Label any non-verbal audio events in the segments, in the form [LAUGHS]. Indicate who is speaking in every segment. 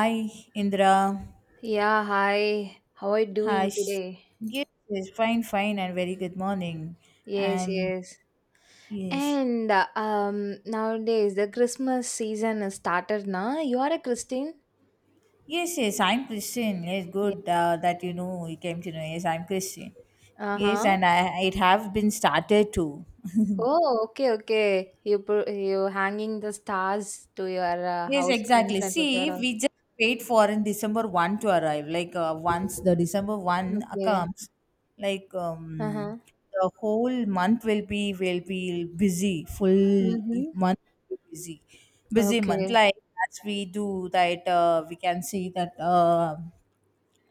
Speaker 1: Hi, Indra.
Speaker 2: Yeah, hi. How are you
Speaker 1: Hi.
Speaker 2: doing today?
Speaker 1: Yes, yes, fine, fine, and very good morning.
Speaker 2: Yes,
Speaker 1: And
Speaker 2: yes.
Speaker 1: yes,
Speaker 2: And nowadays the Christmas season has started now. You are a Christian?
Speaker 1: yes, yes, I'm Christian. Yes,
Speaker 2: Yeah.
Speaker 1: good that you know you came to know. Yes, I'm Christian. Yes,
Speaker 2: Uh-huh.
Speaker 1: and I it have been started too.
Speaker 2: Oh, okay, okay. You put you hanging the stars to your
Speaker 1: Yes,
Speaker 2: house in
Speaker 1: exactly.
Speaker 2: front of your
Speaker 1: See,
Speaker 2: house.
Speaker 1: we just wait for in December 1st to arrive. Once the December 1st
Speaker 2: Okay.
Speaker 1: comes, like um,
Speaker 2: Uh-huh.
Speaker 1: the whole month will be busy, full
Speaker 2: Mm-hmm.
Speaker 1: month will be busy, busy month.
Speaker 2: Okay.
Speaker 1: Like as we do that, we can see that.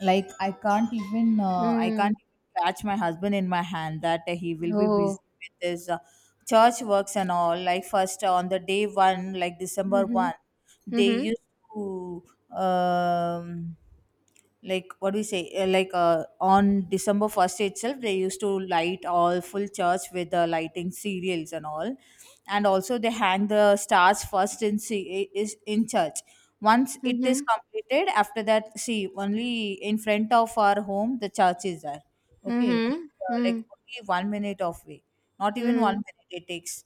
Speaker 1: Like I can't
Speaker 2: Mm.
Speaker 1: even catch my husband in my hand that he will be busy
Speaker 2: Oh.
Speaker 1: with his church works and all. Like first on the day one, like december
Speaker 2: Mm-hmm.
Speaker 1: one they
Speaker 2: Mm-hmm.
Speaker 1: used to um like what do we say like on december 1st itself they used to light all full church with the lighting serials and all. And also they hang the stars first in is in church. Once it is
Speaker 2: Mm-hmm.
Speaker 1: completed, after that, see, only in front of our home, the church is there. Okay, only,
Speaker 2: Mm-hmm.
Speaker 1: like
Speaker 2: Mm.
Speaker 1: only 1 minute of way, not even one
Speaker 2: Mm.
Speaker 1: minute it takes.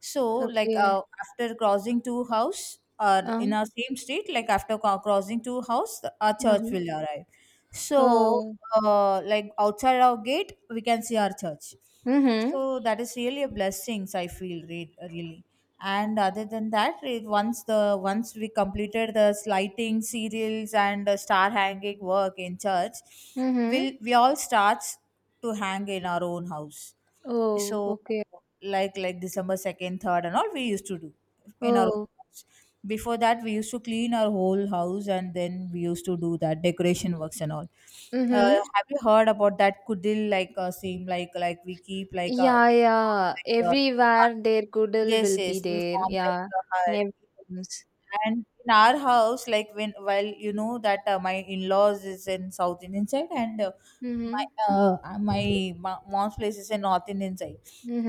Speaker 1: So,
Speaker 2: Okay.
Speaker 1: after crossing two house or
Speaker 2: Uh-huh.
Speaker 1: in our same street, like after crossing two house, our church
Speaker 2: Uh-huh.
Speaker 1: will arrive. So,
Speaker 2: Oh.
Speaker 1: like outside our gate, we can see our church.
Speaker 2: Mm-hmm.
Speaker 1: So that is really a blessings I feel really. And other than that, it, once we completed the lighting serials and the star hanging work in church,
Speaker 2: Mm-hmm.
Speaker 1: we all starts to hang in our own house.
Speaker 2: Oh,
Speaker 1: So
Speaker 2: okay.
Speaker 1: like December 2nd, third, and all we used to do in our
Speaker 2: Oh.
Speaker 1: own house. Before that we used to clean our whole house and then we used to do that decoration works and all. uh,
Speaker 2: Mm-hmm.
Speaker 1: have you heard about that kudil, seem like we keep like a
Speaker 2: Yeah, yeah.
Speaker 1: like a
Speaker 2: Everywhere their goodwill
Speaker 1: yes,
Speaker 2: will
Speaker 1: yes,
Speaker 2: be
Speaker 1: we
Speaker 2: there.
Speaker 1: form like
Speaker 2: Yeah.
Speaker 1: a
Speaker 2: In
Speaker 1: hut.
Speaker 2: every films.
Speaker 1: And in our house, like when while you know that my in-laws is in South Indian side and
Speaker 2: Mm-hmm.
Speaker 1: my my mom's place is in North Indian side,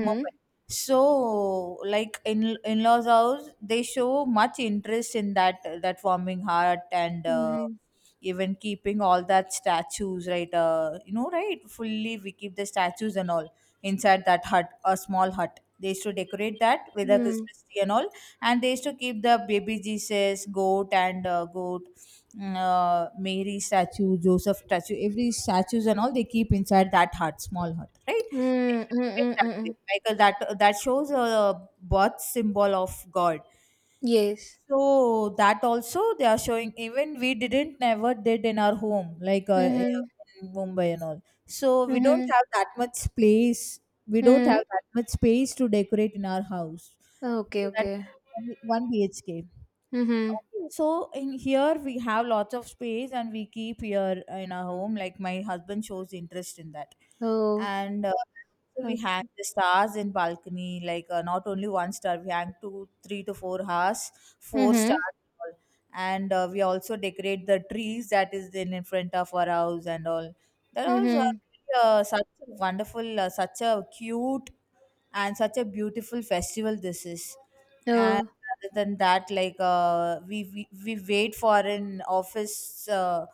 Speaker 1: Mumbai. So like in in-laws house, they show much interest in that forming heart and
Speaker 2: Mm-hmm.
Speaker 1: even keeping all that statues, right? You know, right? Fully we keep the statues and all inside that hut, a small hut. They used to decorate that with a
Speaker 2: Mm.
Speaker 1: Christmas tree and all, and they used to keep the baby jesus goat and goat mary statue, joseph statue, every statues and all they keep inside that hut, small hut, right? They
Speaker 2: Hmm.
Speaker 1: should make it
Speaker 2: Mm.
Speaker 1: that way.
Speaker 2: Mm.
Speaker 1: That shows a birth symbol of god.
Speaker 2: Yes.
Speaker 1: So that also they are showing, even we didn't never did in our home,
Speaker 2: Mm-hmm.
Speaker 1: in Mumbai and all. So we don't
Speaker 2: Mm-hmm.
Speaker 1: have that much space. We don't
Speaker 2: Mm.
Speaker 1: have that much space to decorate in our house. So,
Speaker 2: Okay,
Speaker 1: that
Speaker 2: okay.
Speaker 1: one BHK. Okay,
Speaker 2: Mm-hmm.
Speaker 1: so in here we have lots of space and we keep here in our home. Like my husband shows interest in that,
Speaker 2: Oh.
Speaker 1: and so we
Speaker 2: Oh.
Speaker 1: hang the stars in balcony. Not only one star, we hang two, 3 to 4 hours, four
Speaker 2: Mm-hmm.
Speaker 1: stars, and all. And, we also decorate the trees that is in front of our house and all. That was
Speaker 2: Mm-hmm.
Speaker 1: really, such a wonderful, such a cute and such a beautiful festival this is. And
Speaker 2: Oh.
Speaker 1: other than that, we wait for an office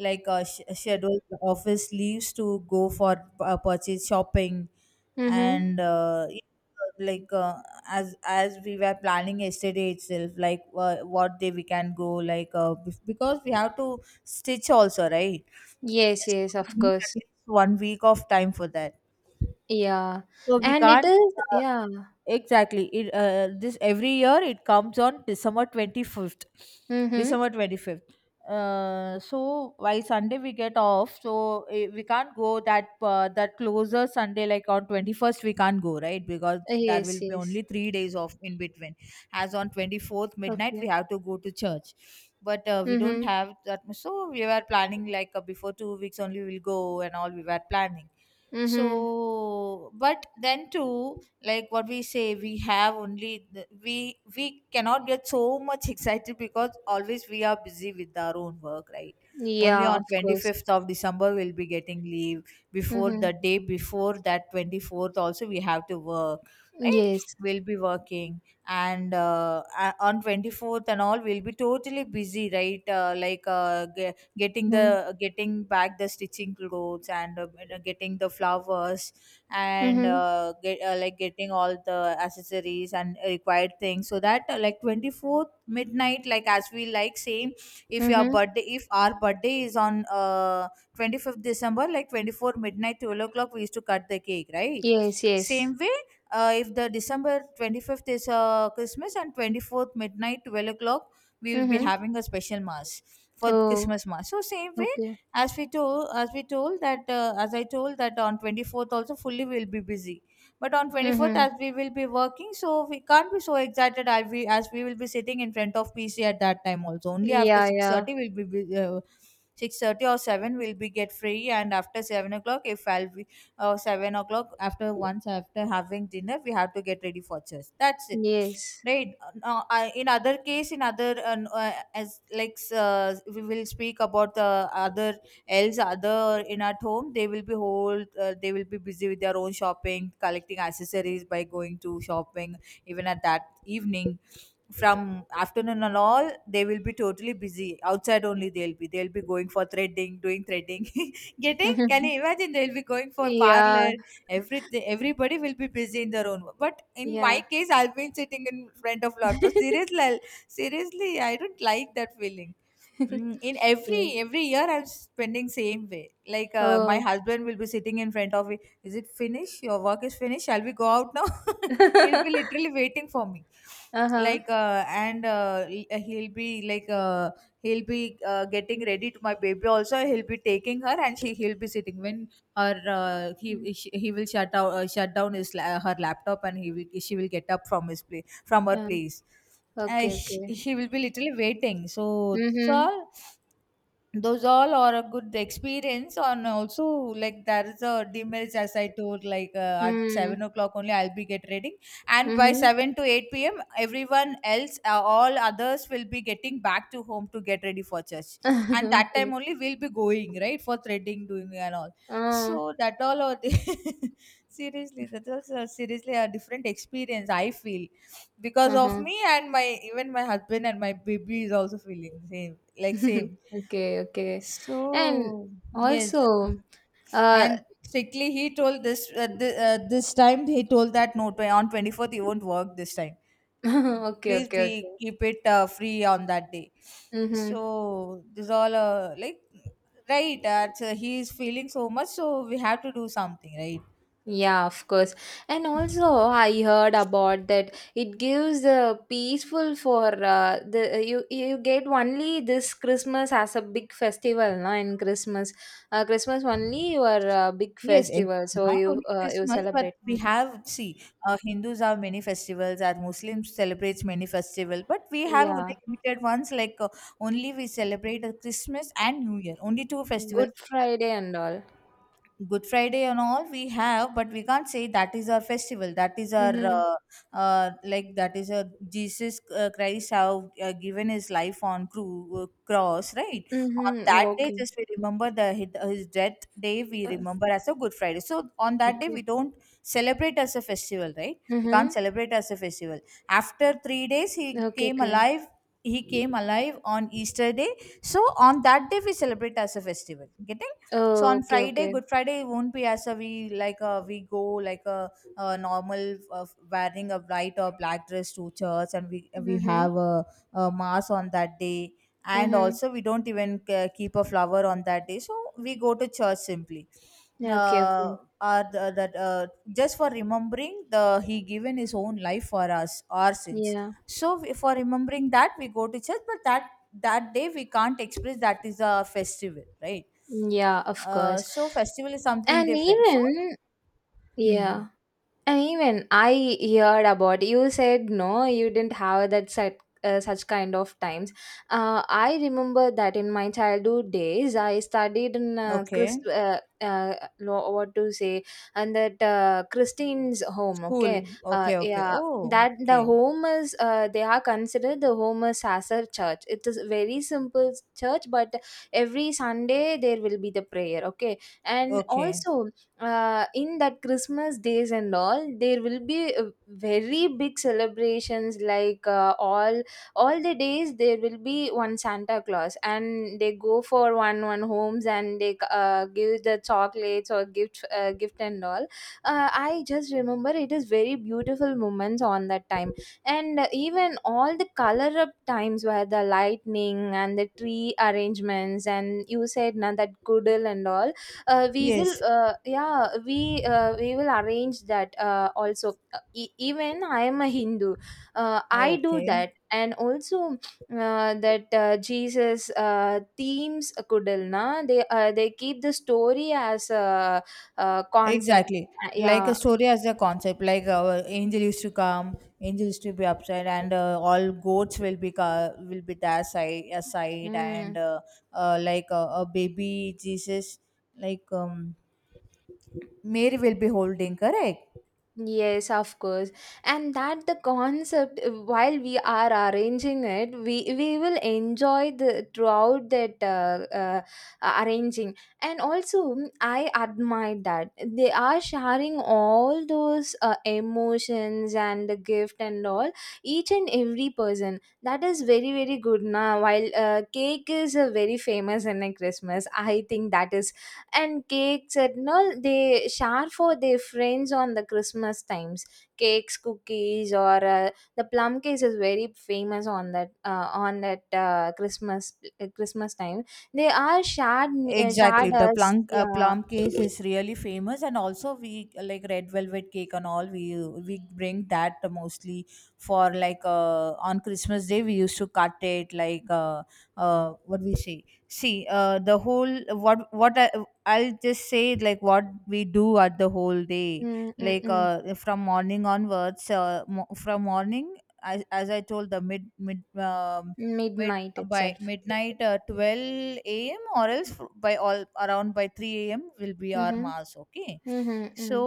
Speaker 1: scheduled office leaves to go for purchase shopping
Speaker 2: Mm-hmm.
Speaker 1: and yeah, like uh, as we were planning yesterday itself, what day we can go, because we have to stitch also, right?
Speaker 2: Yes,
Speaker 1: So
Speaker 2: yes, of
Speaker 1: we need
Speaker 2: course.
Speaker 1: at least 1 week of time for that,
Speaker 2: Yeah.
Speaker 1: so we
Speaker 2: And it
Speaker 1: can't
Speaker 2: is
Speaker 1: uh,
Speaker 2: yeah.
Speaker 1: Exactly. It, this every year it comes on December 25th.
Speaker 2: Mm-hmm.
Speaker 1: December 25th. So by Sunday we get off, so we can't go that that closer Sunday, like on 21st we can't go, right? Because there
Speaker 2: Yes,
Speaker 1: will be
Speaker 2: yes.
Speaker 1: only 3 days off in between. As on 24th midnight we
Speaker 2: Okay.
Speaker 1: have to go to church, but we don't
Speaker 2: Mhm.
Speaker 1: have that much. So we were planning before 2 weeks only we'll go and all, we were planning.
Speaker 2: Mhm.
Speaker 1: So but then too, like what we say, we have only the, we cannot get so much excited because always we are busy with our own work, right? Only
Speaker 2: Yeah,
Speaker 1: on
Speaker 2: of course.
Speaker 1: 25th of december we'll be getting leave. Before
Speaker 2: Mhm.
Speaker 1: the day before that, 24th also we have to work, right?
Speaker 2: Yes.
Speaker 1: We'll be working. And on 24th and all we'll be totally busy, right? Getting
Speaker 2: Mhm.
Speaker 1: the, getting back the stitching clothes and getting the flowers and
Speaker 2: Mhm.
Speaker 1: getting all the accessories and required things, so that like 24th midnight, like as we like saying,
Speaker 2: Mhm.
Speaker 1: if our birthday is on 25th december, like 24 midnight 12 o'clock we used to cut the cake, right?
Speaker 2: Yes, yes.
Speaker 1: Same way, if the december 25th is christmas, and 24th midnight 12 o'clock we will be
Speaker 2: Mhm.
Speaker 1: having a special mass for
Speaker 2: Oh,
Speaker 1: christmas mass. So same way,
Speaker 2: okay.
Speaker 1: as I told that on 24th also fully we'll be busy. But on 24th,
Speaker 2: Mhm.
Speaker 1: as we will be working, so we can't be so excited, as we will be sitting in front of pc at that time. Also only
Speaker 2: Yeah,
Speaker 1: after
Speaker 2: yeah.
Speaker 1: 6.30 we'll be bu- uh, 6:30 or 7 we'll be get free, and after 7 o'clock if i'll be uh, 7 o'clock, after once, after having dinner we have to get ready for church, that's it,
Speaker 2: Yes.
Speaker 1: right? I, in other case, in other as we will speak about the other, else other, in at home they will be whole they will be busy with their own shopping, collecting accessories, by going to shopping. Even at that evening, from afternoon and all, they will be totally busy outside only. They'll be going for threading, doing threading, [LAUGHS] getting, can you
Speaker 2: Mhm.
Speaker 1: imagine, they'll be going for
Speaker 2: Yeah,
Speaker 1: parlor, everything, everybody will be busy in their own work. But in
Speaker 2: yeah.
Speaker 1: my case I've been sitting in front of laptop, seriously
Speaker 2: [LAUGHS]
Speaker 1: I'll, seriously I don't like that feeling. Mm, in
Speaker 2: Yeah.
Speaker 1: every year I'm spending same way. My
Speaker 2: Oh.
Speaker 1: husband will be sitting in front of me, is it finished, your work is finished, shall we go out now, [LAUGHS] he'll be
Speaker 2: [LAUGHS]
Speaker 1: literally waiting for me,
Speaker 2: Uh-huh.
Speaker 1: he'll be getting ready to my baby also, he'll be taking her, and she he'll be sitting when her
Speaker 2: Mm,
Speaker 1: he he will shut down her laptop, and he will she will get up from his place from her
Speaker 2: Um,
Speaker 1: place.
Speaker 2: okay, okay.
Speaker 1: She will be literally waiting, so that's
Speaker 2: Mhm.
Speaker 1: all. Those all are a good experience, and also like there is a demerits, as I told, at
Speaker 2: Mm.
Speaker 1: 7 o'clock only I'll be get ready, and by
Speaker 2: Mhm.
Speaker 1: 7 to 8 p.m everyone else all others will be getting back to home to get ready for church. And that time
Speaker 2: [LAUGHS] Okay.
Speaker 1: only we'll be going, right, for threading doing and all.
Speaker 2: Uh,
Speaker 1: So that all are [LAUGHS] seriously, that was a, seriously a different experience I feel, because of
Speaker 2: uh-huh.
Speaker 1: me. And my, even my husband and my baby is also feeling same like
Speaker 2: [LAUGHS]
Speaker 1: same.
Speaker 2: Okay, okay. And
Speaker 1: So yes,
Speaker 2: also, uh,
Speaker 1: and strictly he told this time he told that no, on 24th you won't work this time.
Speaker 2: [LAUGHS] okay,
Speaker 1: Please be
Speaker 2: okay, okay.
Speaker 1: keep it free on that day. So
Speaker 2: Mm-hmm.
Speaker 1: this is all right. So he is feeling so much, so we have to do something, right?
Speaker 2: Yeah, of course. And also, I heard about that it gives the peaceful for the you you get only this Christmas as a big festival, no? In Christmas, Christmas only your big
Speaker 1: Yes,
Speaker 2: festival, so
Speaker 1: not
Speaker 2: you
Speaker 1: only
Speaker 2: you
Speaker 1: Christmas, but
Speaker 2: celebrate.
Speaker 1: we
Speaker 2: Mm.
Speaker 1: have, see, Hindus have many festivals and Muslims celebrates many festival, but we have only
Speaker 2: Yeah,
Speaker 1: limited ones, only we celebrate Christmas and New Year, only two festivals
Speaker 2: Good
Speaker 1: we have.
Speaker 2: Friday and all.
Speaker 1: Good Friday and all we have, but we can't say that is our festival. That is our
Speaker 2: Mm-hmm.
Speaker 1: that is a Jesus Christ have given his life on cross, right? On
Speaker 2: Mm-hmm.
Speaker 1: that day,
Speaker 2: Okay.
Speaker 1: just we remember the his death day. We
Speaker 2: Uh,
Speaker 1: remember as a Good Friday. So on that day,
Speaker 2: okay.
Speaker 1: we don't celebrate as a festival, right? We can't
Speaker 2: Mm-hmm.
Speaker 1: celebrate as a festival. After 3 days, he
Speaker 2: Okay,
Speaker 1: came
Speaker 2: okay.
Speaker 1: alive. He came alive on Easter day. So on that day, we celebrate as a festival. Getting? So
Speaker 2: Oh,
Speaker 1: on
Speaker 2: okay,
Speaker 1: Friday,
Speaker 2: okay.
Speaker 1: Good Friday it won't be as a we go like a normal wearing a white or black dress to church, and we
Speaker 2: Mm-hmm.
Speaker 1: have a mass on that day, and
Speaker 2: Mm-hmm.
Speaker 1: also we don't even keep a flower on that day, so we go to church simply.
Speaker 2: Okay,
Speaker 1: Uh,
Speaker 2: okay.
Speaker 1: are the, that just for remembering the he given his own life for us our sins.
Speaker 2: Yeah.
Speaker 1: So we, for remembering that we go to church, but that day we can't express that is a festival, right?
Speaker 2: Yeah, of
Speaker 1: Uh,
Speaker 2: course.
Speaker 1: so festival is something
Speaker 2: And
Speaker 1: different. So,
Speaker 2: even
Speaker 1: hmm,
Speaker 2: yeah. And even I heard about you said no, you didn't have that such such kind of times. I remember that in my childhood days, I studied in
Speaker 1: okay,
Speaker 2: Christ, lo- what to say, and that Christine's home.
Speaker 1: school.
Speaker 2: Okay,
Speaker 1: Okay, okay.
Speaker 2: yeah,
Speaker 1: Oh,
Speaker 2: that the
Speaker 1: okay,
Speaker 2: home is they are considered the home is as a church. It is very simple church, but every Sunday there will be the prayer. Okay, and
Speaker 1: okay.
Speaker 2: also in that Christmas days and all there will be very big celebrations like all the days there will be one Santa Claus and they go for one one homes and they give the chocolates or gift gift and all I just remember it is very beautiful moments on that time and even all the color up times where the lightning and the tree arrangements and you said now that goodle and all we will
Speaker 1: Yes.
Speaker 2: yeah we will arrange that also. E- even I am a Hindu uh, I do
Speaker 1: Okay.
Speaker 2: that and also that Jesus themes kudalna, they keep the story as a concept.
Speaker 1: Exactly. Like a
Speaker 2: Yeah.
Speaker 1: story as a concept. Like angel used to come, angel used to be upside, and all goats will be will be that side aside, and
Speaker 2: Mm.
Speaker 1: like a baby Jesus, like Mary will be holding. Correct.
Speaker 2: Yes, of course. And that the concept while we are arranging it, we will enjoy the throughout that arranging. And also, mm, I admire that they are sharing all those emotions and the gift and all each and every person. That is very very good. Now, while cake is a very famous in a Christmas, I think that is and cakes and all they share for their friends on the Christmas times cakes cookies or the plum cake is very famous on that Christmas Christmas time, they are shared me-
Speaker 1: Exactly,
Speaker 2: shared
Speaker 1: the
Speaker 2: us.
Speaker 1: plum
Speaker 2: Yeah.
Speaker 1: plum cake is really famous, and also we like red velvet cake and all. We bring that mostly for like on Christmas Day. We used to cut it like what we say. See, the whole I'll just say like what we do at the whole day,
Speaker 2: Mm, mm,
Speaker 1: like
Speaker 2: mm.
Speaker 1: from morning onwards. From morning, as I told the mid mid mid
Speaker 2: Midnight
Speaker 1: by
Speaker 2: itself.
Speaker 1: midnight 12 a.m. or else by all around by 3 a.m. will be our
Speaker 2: Mm-hmm.
Speaker 1: mass, okay?
Speaker 2: Mm-hmm.
Speaker 1: So
Speaker 2: Mm.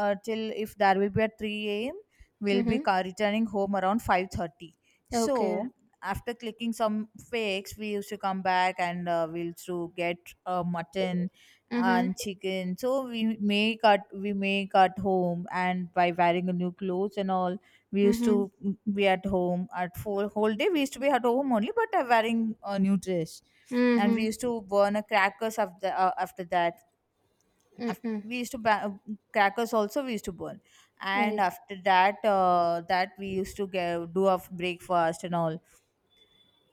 Speaker 1: till if there will be at 3 a.m. we'll be
Speaker 2: Mm-hmm.
Speaker 1: returning home around 5:30,
Speaker 2: Okay.
Speaker 1: so after clicking some fakes we used to come back, and we'll to get mutton
Speaker 2: Mm-hmm.
Speaker 1: and chicken. So we make at home, and by wearing a new clothes and all, we used
Speaker 2: Mm-hmm.
Speaker 1: to be at home at full whole day. We used to be at home only, but wearing a new dress. And we
Speaker 2: Mm-hmm.
Speaker 1: used to burn a crackers after that. Af-
Speaker 2: Mm-hmm.
Speaker 1: we used to ba- crackers also we used to burn. And
Speaker 2: Right.
Speaker 1: after that we used to get, do a breakfast and all.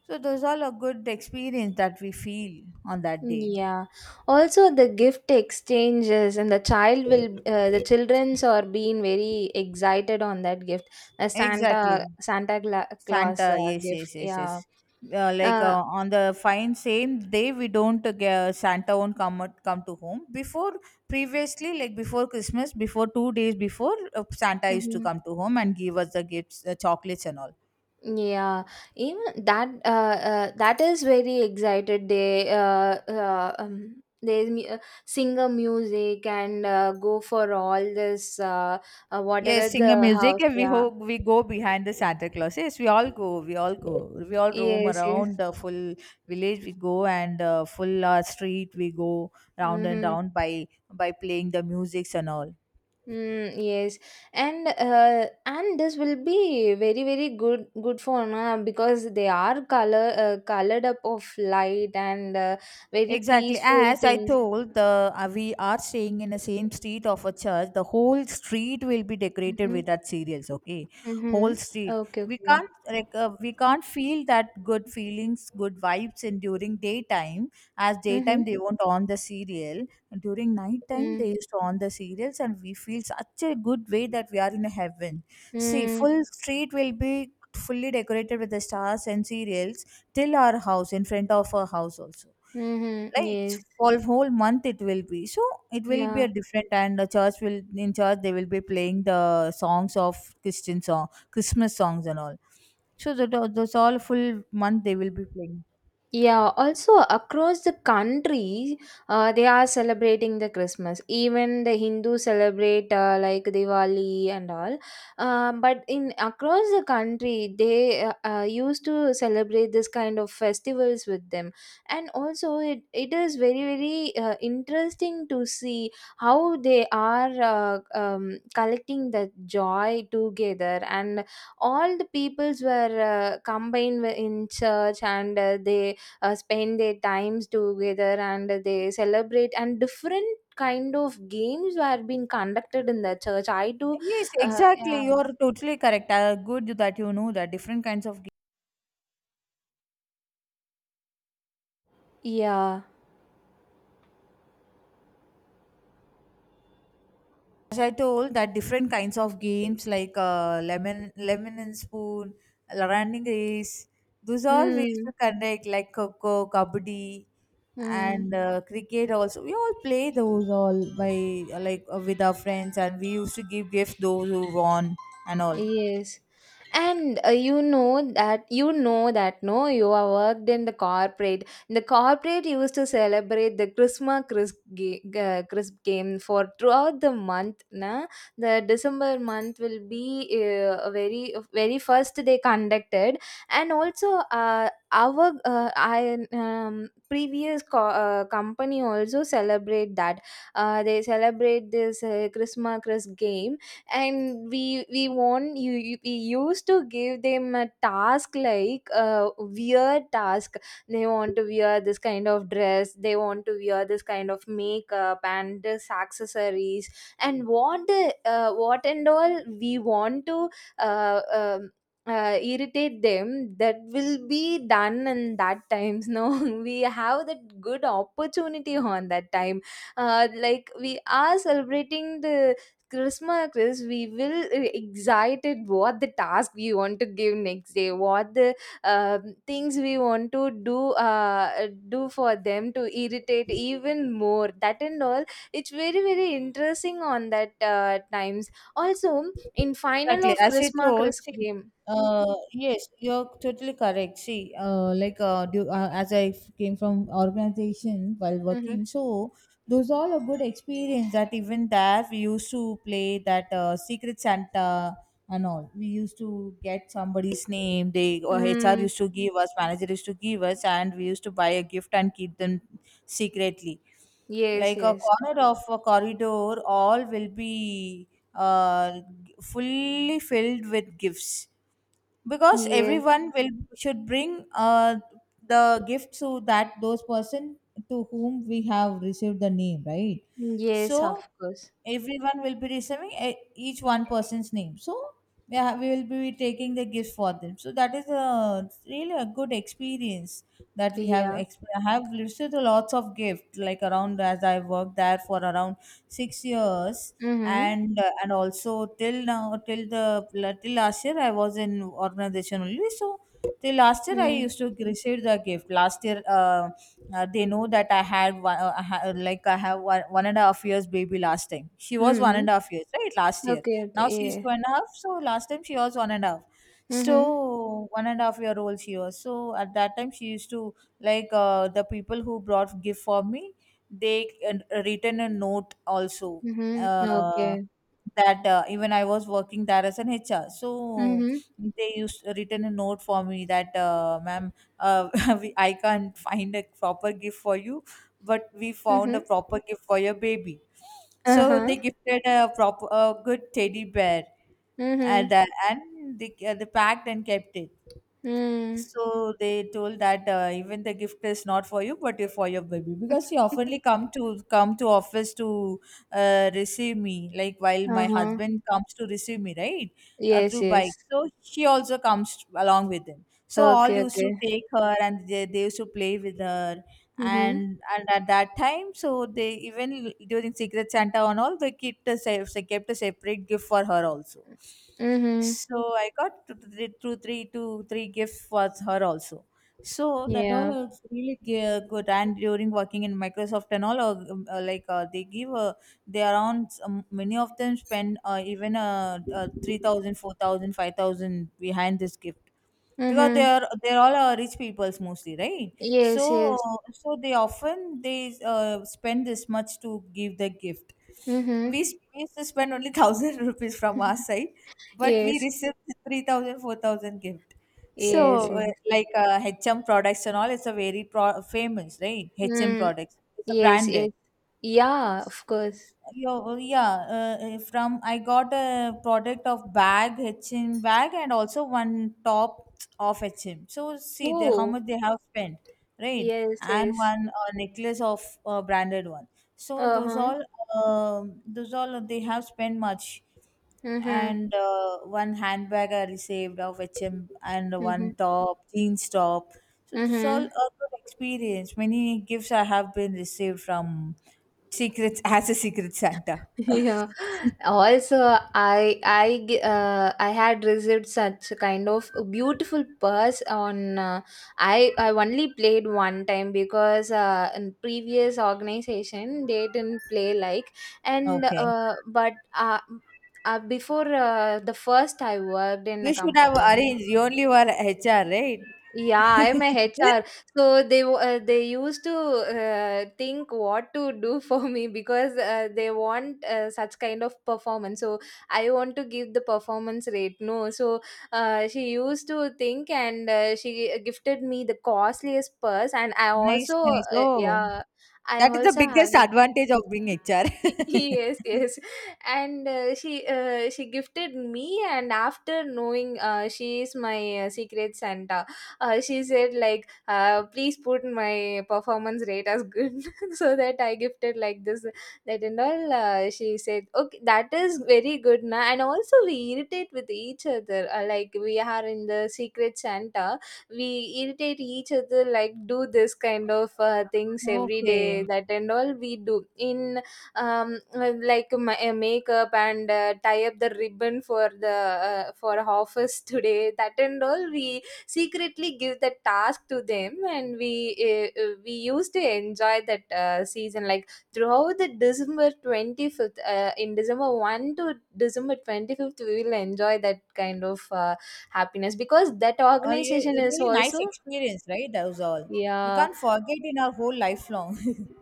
Speaker 1: So those all a good experience that we feel on that day.
Speaker 2: Yeah. Also, the gift exchanges and the child will, the childrens are being very excited on that gift. A
Speaker 1: Exactly.
Speaker 2: Santa Santa Cla-
Speaker 1: Santa,
Speaker 2: Claus
Speaker 1: yes,
Speaker 2: gift.
Speaker 1: yes, yes,
Speaker 2: Yeah.
Speaker 1: yes. Like
Speaker 2: Uh,
Speaker 1: on the fine same day, we don't get, Santa won't come to home. Before previously, like before Christmas, before 2 days before, Santa used to
Speaker 2: mhm.
Speaker 1: come to home and give us the gifts, the chocolates and all.
Speaker 2: Yeah, even that that is very excited. They mu- sing a music and go for all this
Speaker 1: Yes,
Speaker 2: whatever
Speaker 1: sing a
Speaker 2: the house.
Speaker 1: music. And
Speaker 2: Yeah.
Speaker 1: we go behind the Santa Claus. Yes, we all go. We all go. We all roam
Speaker 2: Yes. Yes.
Speaker 1: around the full village. We go and full street. We go round and
Speaker 2: Mm-hmm.
Speaker 1: round by playing the musics and all.
Speaker 2: Mm, yes, and this will be very very good good for na because they are color colored up of light and very
Speaker 1: Exactly.
Speaker 2: peaceful
Speaker 1: As I
Speaker 2: things.
Speaker 1: told, the we are staying in the same street of a church. The whole street will be decorated with
Speaker 2: Mm-hmm.
Speaker 1: that cereals. Okay,
Speaker 2: Mm-hmm.
Speaker 1: whole street.
Speaker 2: Okay.
Speaker 1: We
Speaker 2: Okay.
Speaker 1: can't like we can't feel that good feelings, good vibes in during daytime. As daytime
Speaker 2: Mm-hmm.
Speaker 1: they won't on the cereal. During nighttime they used to on the cereals, and we feel such a good way that we are in a heaven. See,
Speaker 2: Mm-hmm.
Speaker 1: full street will be fully decorated with the stars and cereals till our house, in front of our house also,
Speaker 2: Mm-hmm.
Speaker 1: like
Speaker 2: Yes.
Speaker 1: for whole month it will be. So it will be a
Speaker 2: Yeah.
Speaker 1: different, and the church will, in church they will be playing the songs of Christian song Christmas songs and all. So that those all full month they will be playing.
Speaker 2: Yeah, also across the country, they are celebrating the Christmas. Even the Hindu celebrate like Diwali and all. But in across the country, they used to celebrate this kind of festivals with them. And also, it is very very interesting to see how they are collecting the joy together and all the peoples were combined in church and they spend their times together and they celebrate and different kind of games were being conducted in the church I do
Speaker 1: Yes,
Speaker 2: yeah.
Speaker 1: exactly. You're totally correct. Good that you know that different kinds of.
Speaker 2: Yeah.
Speaker 1: As I told, that different kinds of games like lemon and spoon, running race, those all we used
Speaker 2: Mm.
Speaker 1: to conduct like coco, kabaddi, and
Speaker 2: Mm.
Speaker 1: cricket also. We all play those all by like with our friends, and we used to give gifts those who won and all.
Speaker 2: Yes. And you know that no, you are worked in the corporate. The corporate used to celebrate the Christmas crisp, ga- crisp game for throughout the month. Na, the December month will be a very very first they conducted, and also our I previous co- company also celebrate that. They celebrate this Christmas crisp game and we want you, you we used to give them a task like a weird task, they want to wear this kind of dress, they want to wear this kind of makeup and this accessories and what the what and all we want to uh, um, irritate them, that will be done in that times, no. [LAUGHS] We have that good opportunity on that time like we are celebrating the Christmas quiz, we will excited what the task we want to give next day, what the um things we want to do uh, do for them to irritate even more. That and all, it's very very interesting on that times. Also, in final
Speaker 1: Exactly.
Speaker 2: of
Speaker 1: As you
Speaker 2: Christmas
Speaker 1: told,
Speaker 2: Chris
Speaker 1: see,
Speaker 2: game.
Speaker 1: yes, you're totally correct. See, like, do, as I came from organization while working,
Speaker 2: Mm-hmm.
Speaker 1: so those all a good experience that even there we used to play that Secret Santa and all. We used to get somebody's name. They or HR
Speaker 2: Mm,
Speaker 1: used to give us, manager used to give us, and we used to buy a gift and keep them secretly,
Speaker 2: yes,
Speaker 1: like a
Speaker 2: yes,
Speaker 1: corner of a corridor all will be uh, fully filled with gifts, because
Speaker 2: yes,
Speaker 1: everyone will should bring the gift to that those person to whom we have received the name, right?
Speaker 2: yes. Of
Speaker 1: So
Speaker 2: course.
Speaker 1: everyone will be receiving each one person's name. So yeah, we will be taking the gift for them, so that is a really a good experience that
Speaker 2: Yeah.
Speaker 1: have received lots of gift, like around as I worked there for around 6 years.
Speaker 2: Mm-hmm.
Speaker 1: And and also till now, till last year I was in organization only. So till last year I
Speaker 2: Mm-hmm.
Speaker 1: used to receive the gift. Last year they know that I had one I ha- like I have 1.5 years baby. Last time she was one
Speaker 2: Mm-hmm.
Speaker 1: and a half years right? Last year.
Speaker 2: Okay. Okay.
Speaker 1: Now she's
Speaker 2: Yeah.
Speaker 1: two and a half, so last time she was one and a half,
Speaker 2: Mm-hmm.
Speaker 1: so 1.5 year old she was. So at that time she used to like the people who brought gift for me, they written a note also,
Speaker 2: Mm-hmm.
Speaker 1: uh,
Speaker 2: Okay.
Speaker 1: that even I was working there as an HR. So
Speaker 2: Mhm.
Speaker 1: they used written a note for me that ma'am, uh, [LAUGHS] we, I can't find a proper gift for you, but we found a
Speaker 2: Mhm.
Speaker 1: proper gift for your baby. So
Speaker 2: Uh-huh.
Speaker 1: they gifted a proper a good teddy bear. And
Speaker 2: Mhm.
Speaker 1: and they packed and kept it.
Speaker 2: Mm.
Speaker 1: So they told that even the gift is not for you but for your baby, because she oftenly come to office to receive me, like while my
Speaker 2: Uh-huh.
Speaker 1: husband comes to receive me, right?
Speaker 2: Yes,
Speaker 1: Through bike,
Speaker 2: yes.
Speaker 1: so she also comes along with him, so all
Speaker 2: Okay,
Speaker 1: used
Speaker 2: okay.
Speaker 1: to take her, and they used to play with her.
Speaker 2: Mhm.
Speaker 1: And at that time, so they even during secret santa and all, they kept a, they kept a separate gift for her also.
Speaker 2: Mhm.
Speaker 1: So I got two, three, two, three, two, three gifts for her also. So that all
Speaker 2: Yeah.
Speaker 1: was really good. And during working in Microsoft and all, like they give they around many of them spend even 3,000, behind this gift, because
Speaker 2: Mhm.
Speaker 1: they're all rich peoples mostly, right?
Speaker 2: Yes,
Speaker 1: So
Speaker 2: yes.
Speaker 1: they often they spend this much to give the gift.
Speaker 2: Mhm.
Speaker 1: We, we used to spend only [LAUGHS] 1,000 rupees from our
Speaker 2: [LAUGHS]
Speaker 1: side, but we
Speaker 2: Yes.
Speaker 1: received 3,000, 4,000 gift. So
Speaker 2: Yes, yes.
Speaker 1: like HM products and all, it's a very famous, right? HM
Speaker 2: Mm.
Speaker 1: products, it's a
Speaker 2: Yes, yes.
Speaker 1: branded.
Speaker 2: Yeah, of course.
Speaker 1: Yo, yeah, from I got a product of bag, H&M bag, and also one top of H&M. So see the, how
Speaker 2: Oh,
Speaker 1: much they have spent, right?
Speaker 2: yes,
Speaker 1: And
Speaker 2: yes.
Speaker 1: one necklace of branded one. So
Speaker 2: Uh-huh.
Speaker 1: those all they have spent much.
Speaker 2: Mhm.
Speaker 1: And one handbag I received of HM and
Speaker 2: Mhm.
Speaker 1: one top, jeans top. So this all a
Speaker 2: Mhm.
Speaker 1: good experience. Many gifts I have been received from secrets [LAUGHS] as a secret Santa.
Speaker 2: [LAUGHS] Yeah. Also I g- I had received such a kind of a beautiful purse on I only played one time because in previous organization they didn't play like. And
Speaker 1: Okay,
Speaker 2: but before the first I worked in a
Speaker 1: you should have
Speaker 2: company.
Speaker 1: arranged. You only were HR, right?
Speaker 2: Yeah, I'm a HR. So they w- they used to think what to do [LAUGHS] for me because they want such kind of performance. So I want to give the performance rate. No, so she used to think and she gifted me the costliest purse, and I
Speaker 1: Nice,
Speaker 2: also
Speaker 1: nice. Oh,
Speaker 2: yeah, I
Speaker 1: that is the
Speaker 2: also
Speaker 1: biggest
Speaker 2: having.
Speaker 1: advantage of being
Speaker 2: [LAUGHS]
Speaker 1: HR.
Speaker 2: Y- yes,
Speaker 1: [LAUGHS]
Speaker 2: yes. And she gifted me and after knowing she is my secret Santa, she said like please put my performance rate as good. [LAUGHS] So that I gifted like this, that and all she said okay that is very good, na. And also we irritate with each other like we are in the secret Santa, we irritate each other like do this kind of things every
Speaker 1: Okay.
Speaker 2: day, that and all we do in like my makeup and tie up the ribbon for the for office [LAUGHS] today, that and all we secretly give the task to them and we used to enjoy that season, like throughout the December 25th, in December 1 to December 25th we will enjoy that kind of happiness because that organization
Speaker 1: A
Speaker 2: is
Speaker 1: really nice
Speaker 2: also.
Speaker 1: experience, right? That was all. We
Speaker 2: Yeah,
Speaker 1: can't forget in our whole lifelong. [LAUGHS]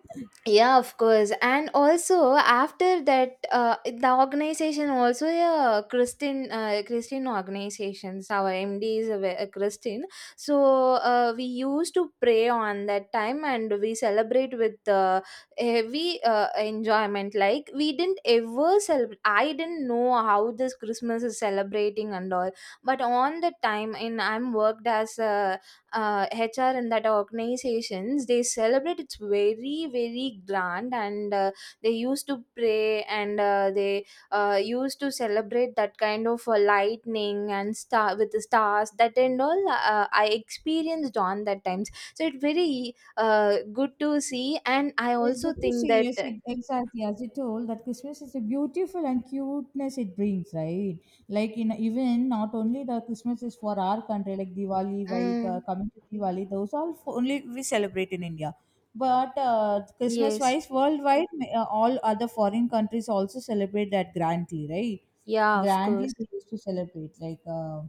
Speaker 2: yeah, of course. And also after that the organization also a Christian Christian organization, so our MD is a, ve- a Christian. So we used to pray on that time and we celebrate with heavy enjoyment, like we didn't ever celebrate, I didn't know how this Christmas is celebrating and all. But on the time in I'm worked as a HR and that organizations they celebrate, it's very very grand and they used to pray and they used to celebrate that kind of lightning and star with the stars, that and all I experienced on that times, so it's very good to see and I
Speaker 1: It's
Speaker 2: also
Speaker 1: good to
Speaker 2: think
Speaker 1: see.
Speaker 2: that.
Speaker 1: Yes, exactly. As you told, that Christmas is a beautiful and cuteness it brings, right? Like in even not only the Christmas is for our country, like Diwali. While
Speaker 2: Mm.
Speaker 1: coming to Diwali, those all only we celebrate in India. But Christmas
Speaker 2: Yes.
Speaker 1: wise, worldwide, all other foreign countries also celebrate that grandly, right?
Speaker 2: Yeah, of course.
Speaker 1: Grandly, they used to celebrate like. Uh,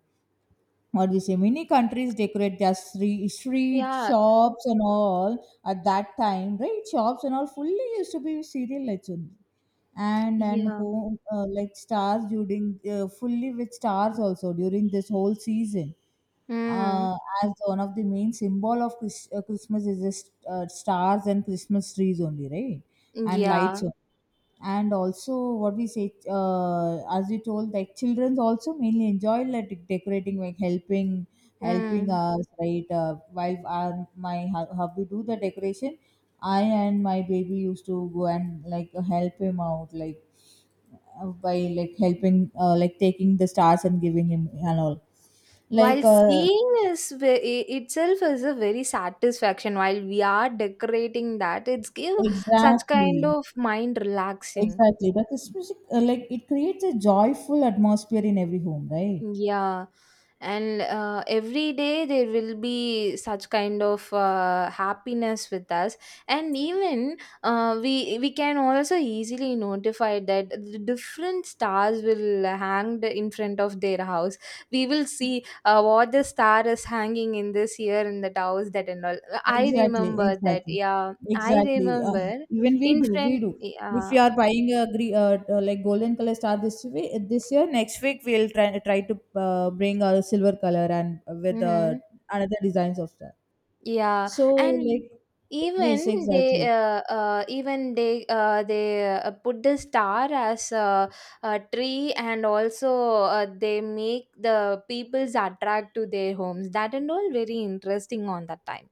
Speaker 1: or we say many countries decorate their street, street
Speaker 2: Yeah,
Speaker 1: shops and all at that time, right? Shops and all fully used to be serial lights only. And
Speaker 2: yeah.
Speaker 1: home like stars during fully with stars also during this whole season.
Speaker 2: Mm,
Speaker 1: Uh, as one of the main symbol of Christmas is just stars and Christmas trees only, right? And
Speaker 2: yeah.
Speaker 1: lights only. And also, what we say, as you told, like children also mainly enjoy like decorating, like helping
Speaker 2: Mm.
Speaker 1: us, right? While my hubby do the decoration, I and my baby used to go and like help him out, like by like helping, like taking the stars and giving him and all like
Speaker 2: While
Speaker 1: uh,
Speaker 2: seeing is ve- I- itself is a very satisfaction. While we are decorating that, it's give such kind
Speaker 1: Exactly,
Speaker 2: of mind relaxing.
Speaker 1: exactly. That is music, like it creates a joyful atmosphere in every home, right?
Speaker 2: Yeah, and every day there will be such kind of happiness with us, and even we can also easily notify that the different stars will hang in front of their house. We will see what the star is hanging in this year in that house, that and all. I
Speaker 1: Exactly,
Speaker 2: remember that.
Speaker 1: exactly,
Speaker 2: Yeah, I
Speaker 1: exactly.
Speaker 2: remember
Speaker 1: Even we
Speaker 2: in
Speaker 1: do, we
Speaker 2: front.
Speaker 1: do. If
Speaker 2: Yeah.
Speaker 1: we are buying a gre like golden color star this week, this year, next week we'll try to bring a silver color and with
Speaker 2: Mm-hmm.
Speaker 1: another designs of star.
Speaker 2: Yeah
Speaker 1: So
Speaker 2: and
Speaker 1: like, yes, exactly.
Speaker 2: even they put the star as a tree and also they make the people's attract to their homes, that and all very interesting on that time.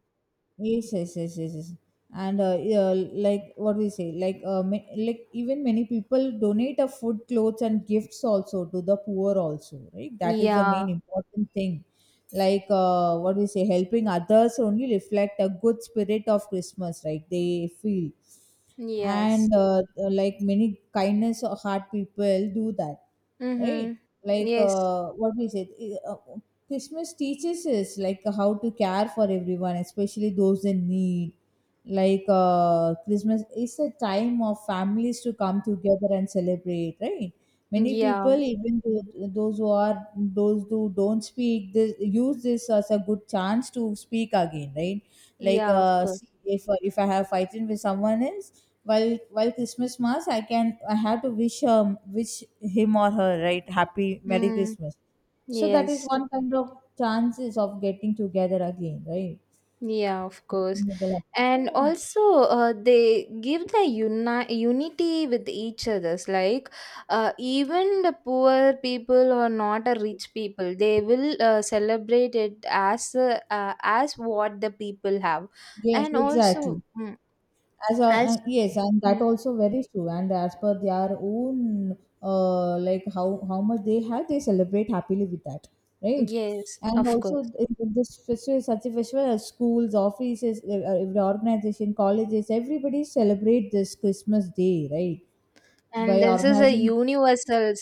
Speaker 1: Yes, yes, yes, yes, yes. And yeah, like what we say, like like even many people donate a food, clothes, and gifts also to the poor also, right? That is the
Speaker 2: Yeah.
Speaker 1: main important thing. Like what we say, helping others only reflect a good spirit of Christmas, right? They feel
Speaker 2: Yes.
Speaker 1: and like many kindness of heart people do that,
Speaker 2: Mm-hmm.
Speaker 1: right? Like
Speaker 2: Yes.
Speaker 1: what we said, uh, uh, Christmas teaches us like how to care for everyone, especially those in need. Like Christmas is a time of families to come together and celebrate, right? Many people,
Speaker 2: Yeah.
Speaker 1: even those who are those who don't speak, this, use this as a good chance to speak again, right? Like,
Speaker 2: Yeah, of
Speaker 1: see,
Speaker 2: course.
Speaker 1: if I have fighting with someone else, while Christmas mass, I can I have to wish wish him or her, right, happy Merry
Speaker 2: Mm.
Speaker 1: Christmas. So that is
Speaker 2: Yes.
Speaker 1: one kind of chances of getting together again, right?
Speaker 2: Yeah, of course. And
Speaker 1: So
Speaker 2: also, they give the uni- unity with each others. Like, even the poor people or not a rich people, they will celebrate it as what the people have.
Speaker 1: yes,
Speaker 2: And
Speaker 1: exactly. As a,
Speaker 2: also,
Speaker 1: yes, and that
Speaker 2: mm,
Speaker 1: also very true and as per their own like how much they have they celebrate happily with that, right?
Speaker 2: yes,
Speaker 1: And
Speaker 2: of
Speaker 1: also
Speaker 2: course.
Speaker 1: in this festival is such a festival as schools, offices, every organization, colleges, everybody celebrate this Christmas day, right? by
Speaker 2: And this is a
Speaker 1: organizing
Speaker 2: universal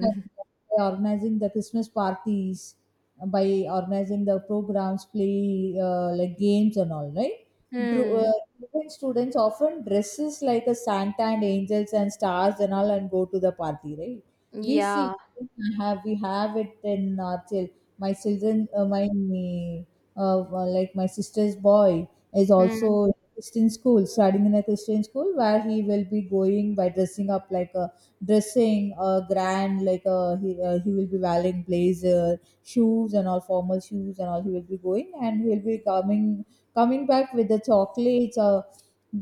Speaker 1: by
Speaker 2: [LAUGHS]
Speaker 1: organizing the Christmas parties, by organizing the programs, play like games and all, right? Dru-
Speaker 2: Hmm.
Speaker 1: uh, Driven students often dresses like a Santa and angels and stars and all and go to the party, right? We see
Speaker 2: Yeah.
Speaker 1: have we have it in our my children, my uh, like my sister's boy is
Speaker 2: Mm.
Speaker 1: also Christian school, studying in a Christian school where he will be going by dressing up like a dressing a grand like a he will be wearing blazer, shoes and all, formal shoes and all, he will be going and he will be coming back with the chocolates,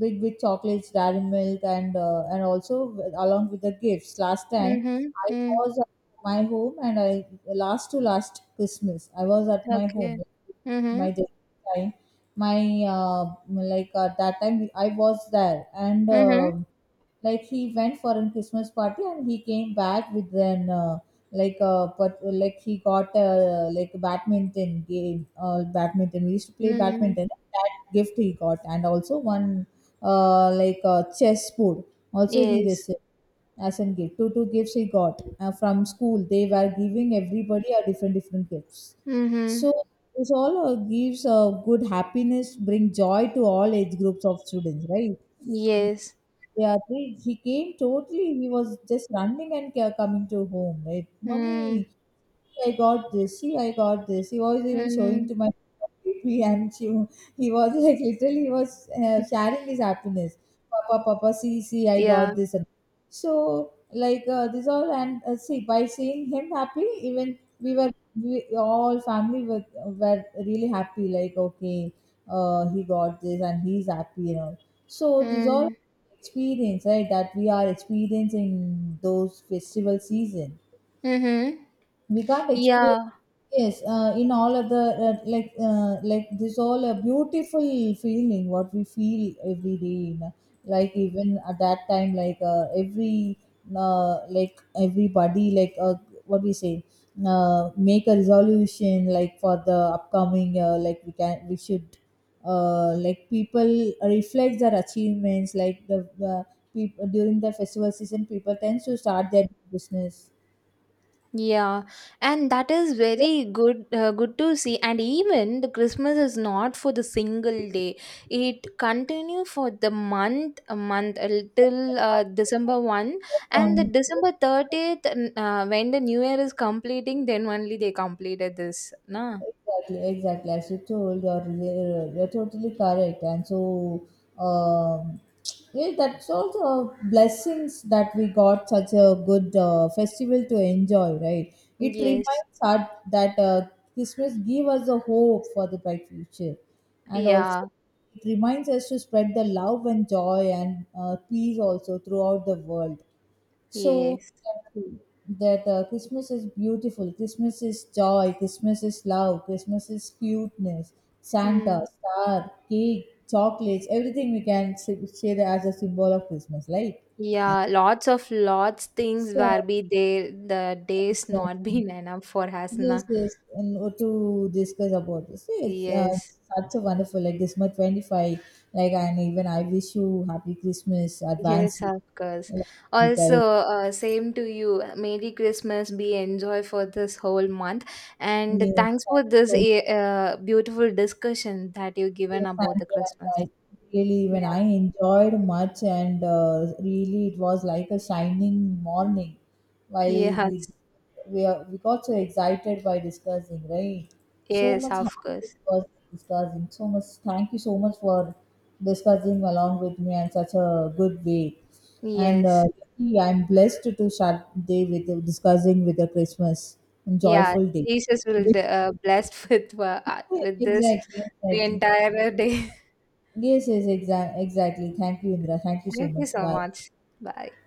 Speaker 1: big big chocolates, dairy milk and also with- along with the gifts. Last time
Speaker 2: Mm-hmm.
Speaker 1: I
Speaker 2: Mm.
Speaker 1: was at my home and I last to last Christmas I was at my
Speaker 2: Okay.
Speaker 1: home my
Speaker 2: Mm-hmm.
Speaker 1: time my like at that time I was there and
Speaker 2: Mm-hmm.
Speaker 1: like he went for a Christmas party and he came back with an like but like he got like a badminton game, badminton, we used to play
Speaker 2: Mm.
Speaker 1: badminton, that gift he got, and also one like chess board also he
Speaker 2: Yes.
Speaker 1: received as a gift. Two gifts he got from school. They were giving everybody a different different gifts.
Speaker 2: Mm-hmm.
Speaker 1: So this all gives a good happiness, bring joy to all age groups of students, right?
Speaker 2: Yes.
Speaker 1: Yeah, they, he came totally. He was just running and coming to home, right?
Speaker 2: Mm.
Speaker 1: Mummy, I got this. See, I got this. He was even showing to
Speaker 2: Mm.
Speaker 1: my baby, [LAUGHS] and she, he was like literally he was
Speaker 2: [LAUGHS]
Speaker 1: sharing his happiness. Papa, Papa, see, see, I
Speaker 2: Yeah.
Speaker 1: got this. And so, like this all, and see, by seeing him happy, even we were we all family were really happy. Like okay, he got this, and he's happy, you know. So this all
Speaker 2: Mm.
Speaker 1: experience, right? That we are experiencing those festival season,
Speaker 2: Mm-hmm.
Speaker 1: we can't express.
Speaker 2: Yeah,
Speaker 1: Yes, in all of the like this all a beautiful feeling what we feel every day, you know. Like even at that time like every like everybody like what we say, make a resolution like for the upcoming year, like we can we should like people reflect their achievements, like the people during the festival season people tend to start their business.
Speaker 2: yeah, and that is very good. Good to see. And even the Christmas is not for the single day; it continue for the month, a month till December one,
Speaker 1: First
Speaker 2: and the
Speaker 1: on
Speaker 2: December 30th, when the New Year is completing, then only they completed this. Nah.
Speaker 1: exactly, exactly. As you told, you're totally correct, and so um, yeah, that's also blessings that we got such a good festival to enjoy, right? It
Speaker 2: Yes.
Speaker 1: reminds us that Christmas give us a hope for the bright future, and
Speaker 2: Yeah.
Speaker 1: also it reminds us to spread the love and joy and peace also throughout the world. So
Speaker 2: Yes.
Speaker 1: that Christmas is beautiful, Christmas is joy, Christmas is love, Christmas is cuteness, Santa,
Speaker 2: Mm.
Speaker 1: star, cake, chocolates, everything we can say, say that as a symbol of Christmas, right?
Speaker 2: Yeah, lots of lots things
Speaker 1: So,
Speaker 2: where be there, the days not [LAUGHS]
Speaker 1: exactly.
Speaker 2: been enough for us, na.
Speaker 1: Yes, yes, and what to discuss about this. It's
Speaker 2: Yes.
Speaker 1: such a wonderful, like December 25th, like, and even I wish you Happy Christmas,
Speaker 2: Yes,
Speaker 1: advance.
Speaker 2: of course.
Speaker 1: Like, you
Speaker 2: Also,
Speaker 1: guys,
Speaker 2: same to you. Merry Christmas. Be enjoy for this whole month. And
Speaker 1: yes,
Speaker 2: thanks for
Speaker 1: thank you
Speaker 2: this
Speaker 1: so much.
Speaker 2: beautiful discussion that you given
Speaker 1: Yes,
Speaker 2: about the
Speaker 1: and
Speaker 2: Christmas.
Speaker 1: I really,
Speaker 2: Yeah.
Speaker 1: even I enjoyed much, and really, it was like a shining morning. While we
Speaker 2: Yes.
Speaker 1: we are, we got so excited by discussing, right? So
Speaker 2: Yes,
Speaker 1: much
Speaker 2: of
Speaker 1: happy
Speaker 2: course.
Speaker 1: was discussing. So much. Thank you so much for discussing along with me in such a good way. And
Speaker 2: Yes.
Speaker 1: really, I'm blessed to start day with discussing with a Christmas and
Speaker 2: Yeah,
Speaker 1: joyful day.
Speaker 2: Jesus will
Speaker 1: [LAUGHS]
Speaker 2: blessed [LAUGHS] with with this
Speaker 1: Exactly,
Speaker 2: the
Speaker 1: exactly.
Speaker 2: entire day.
Speaker 1: Yes, yes, exactly. Thank you, Indra. Thank
Speaker 2: [LAUGHS]
Speaker 1: you so
Speaker 2: Thank you
Speaker 1: much.
Speaker 2: so
Speaker 1: Bye.
Speaker 2: much. Bye.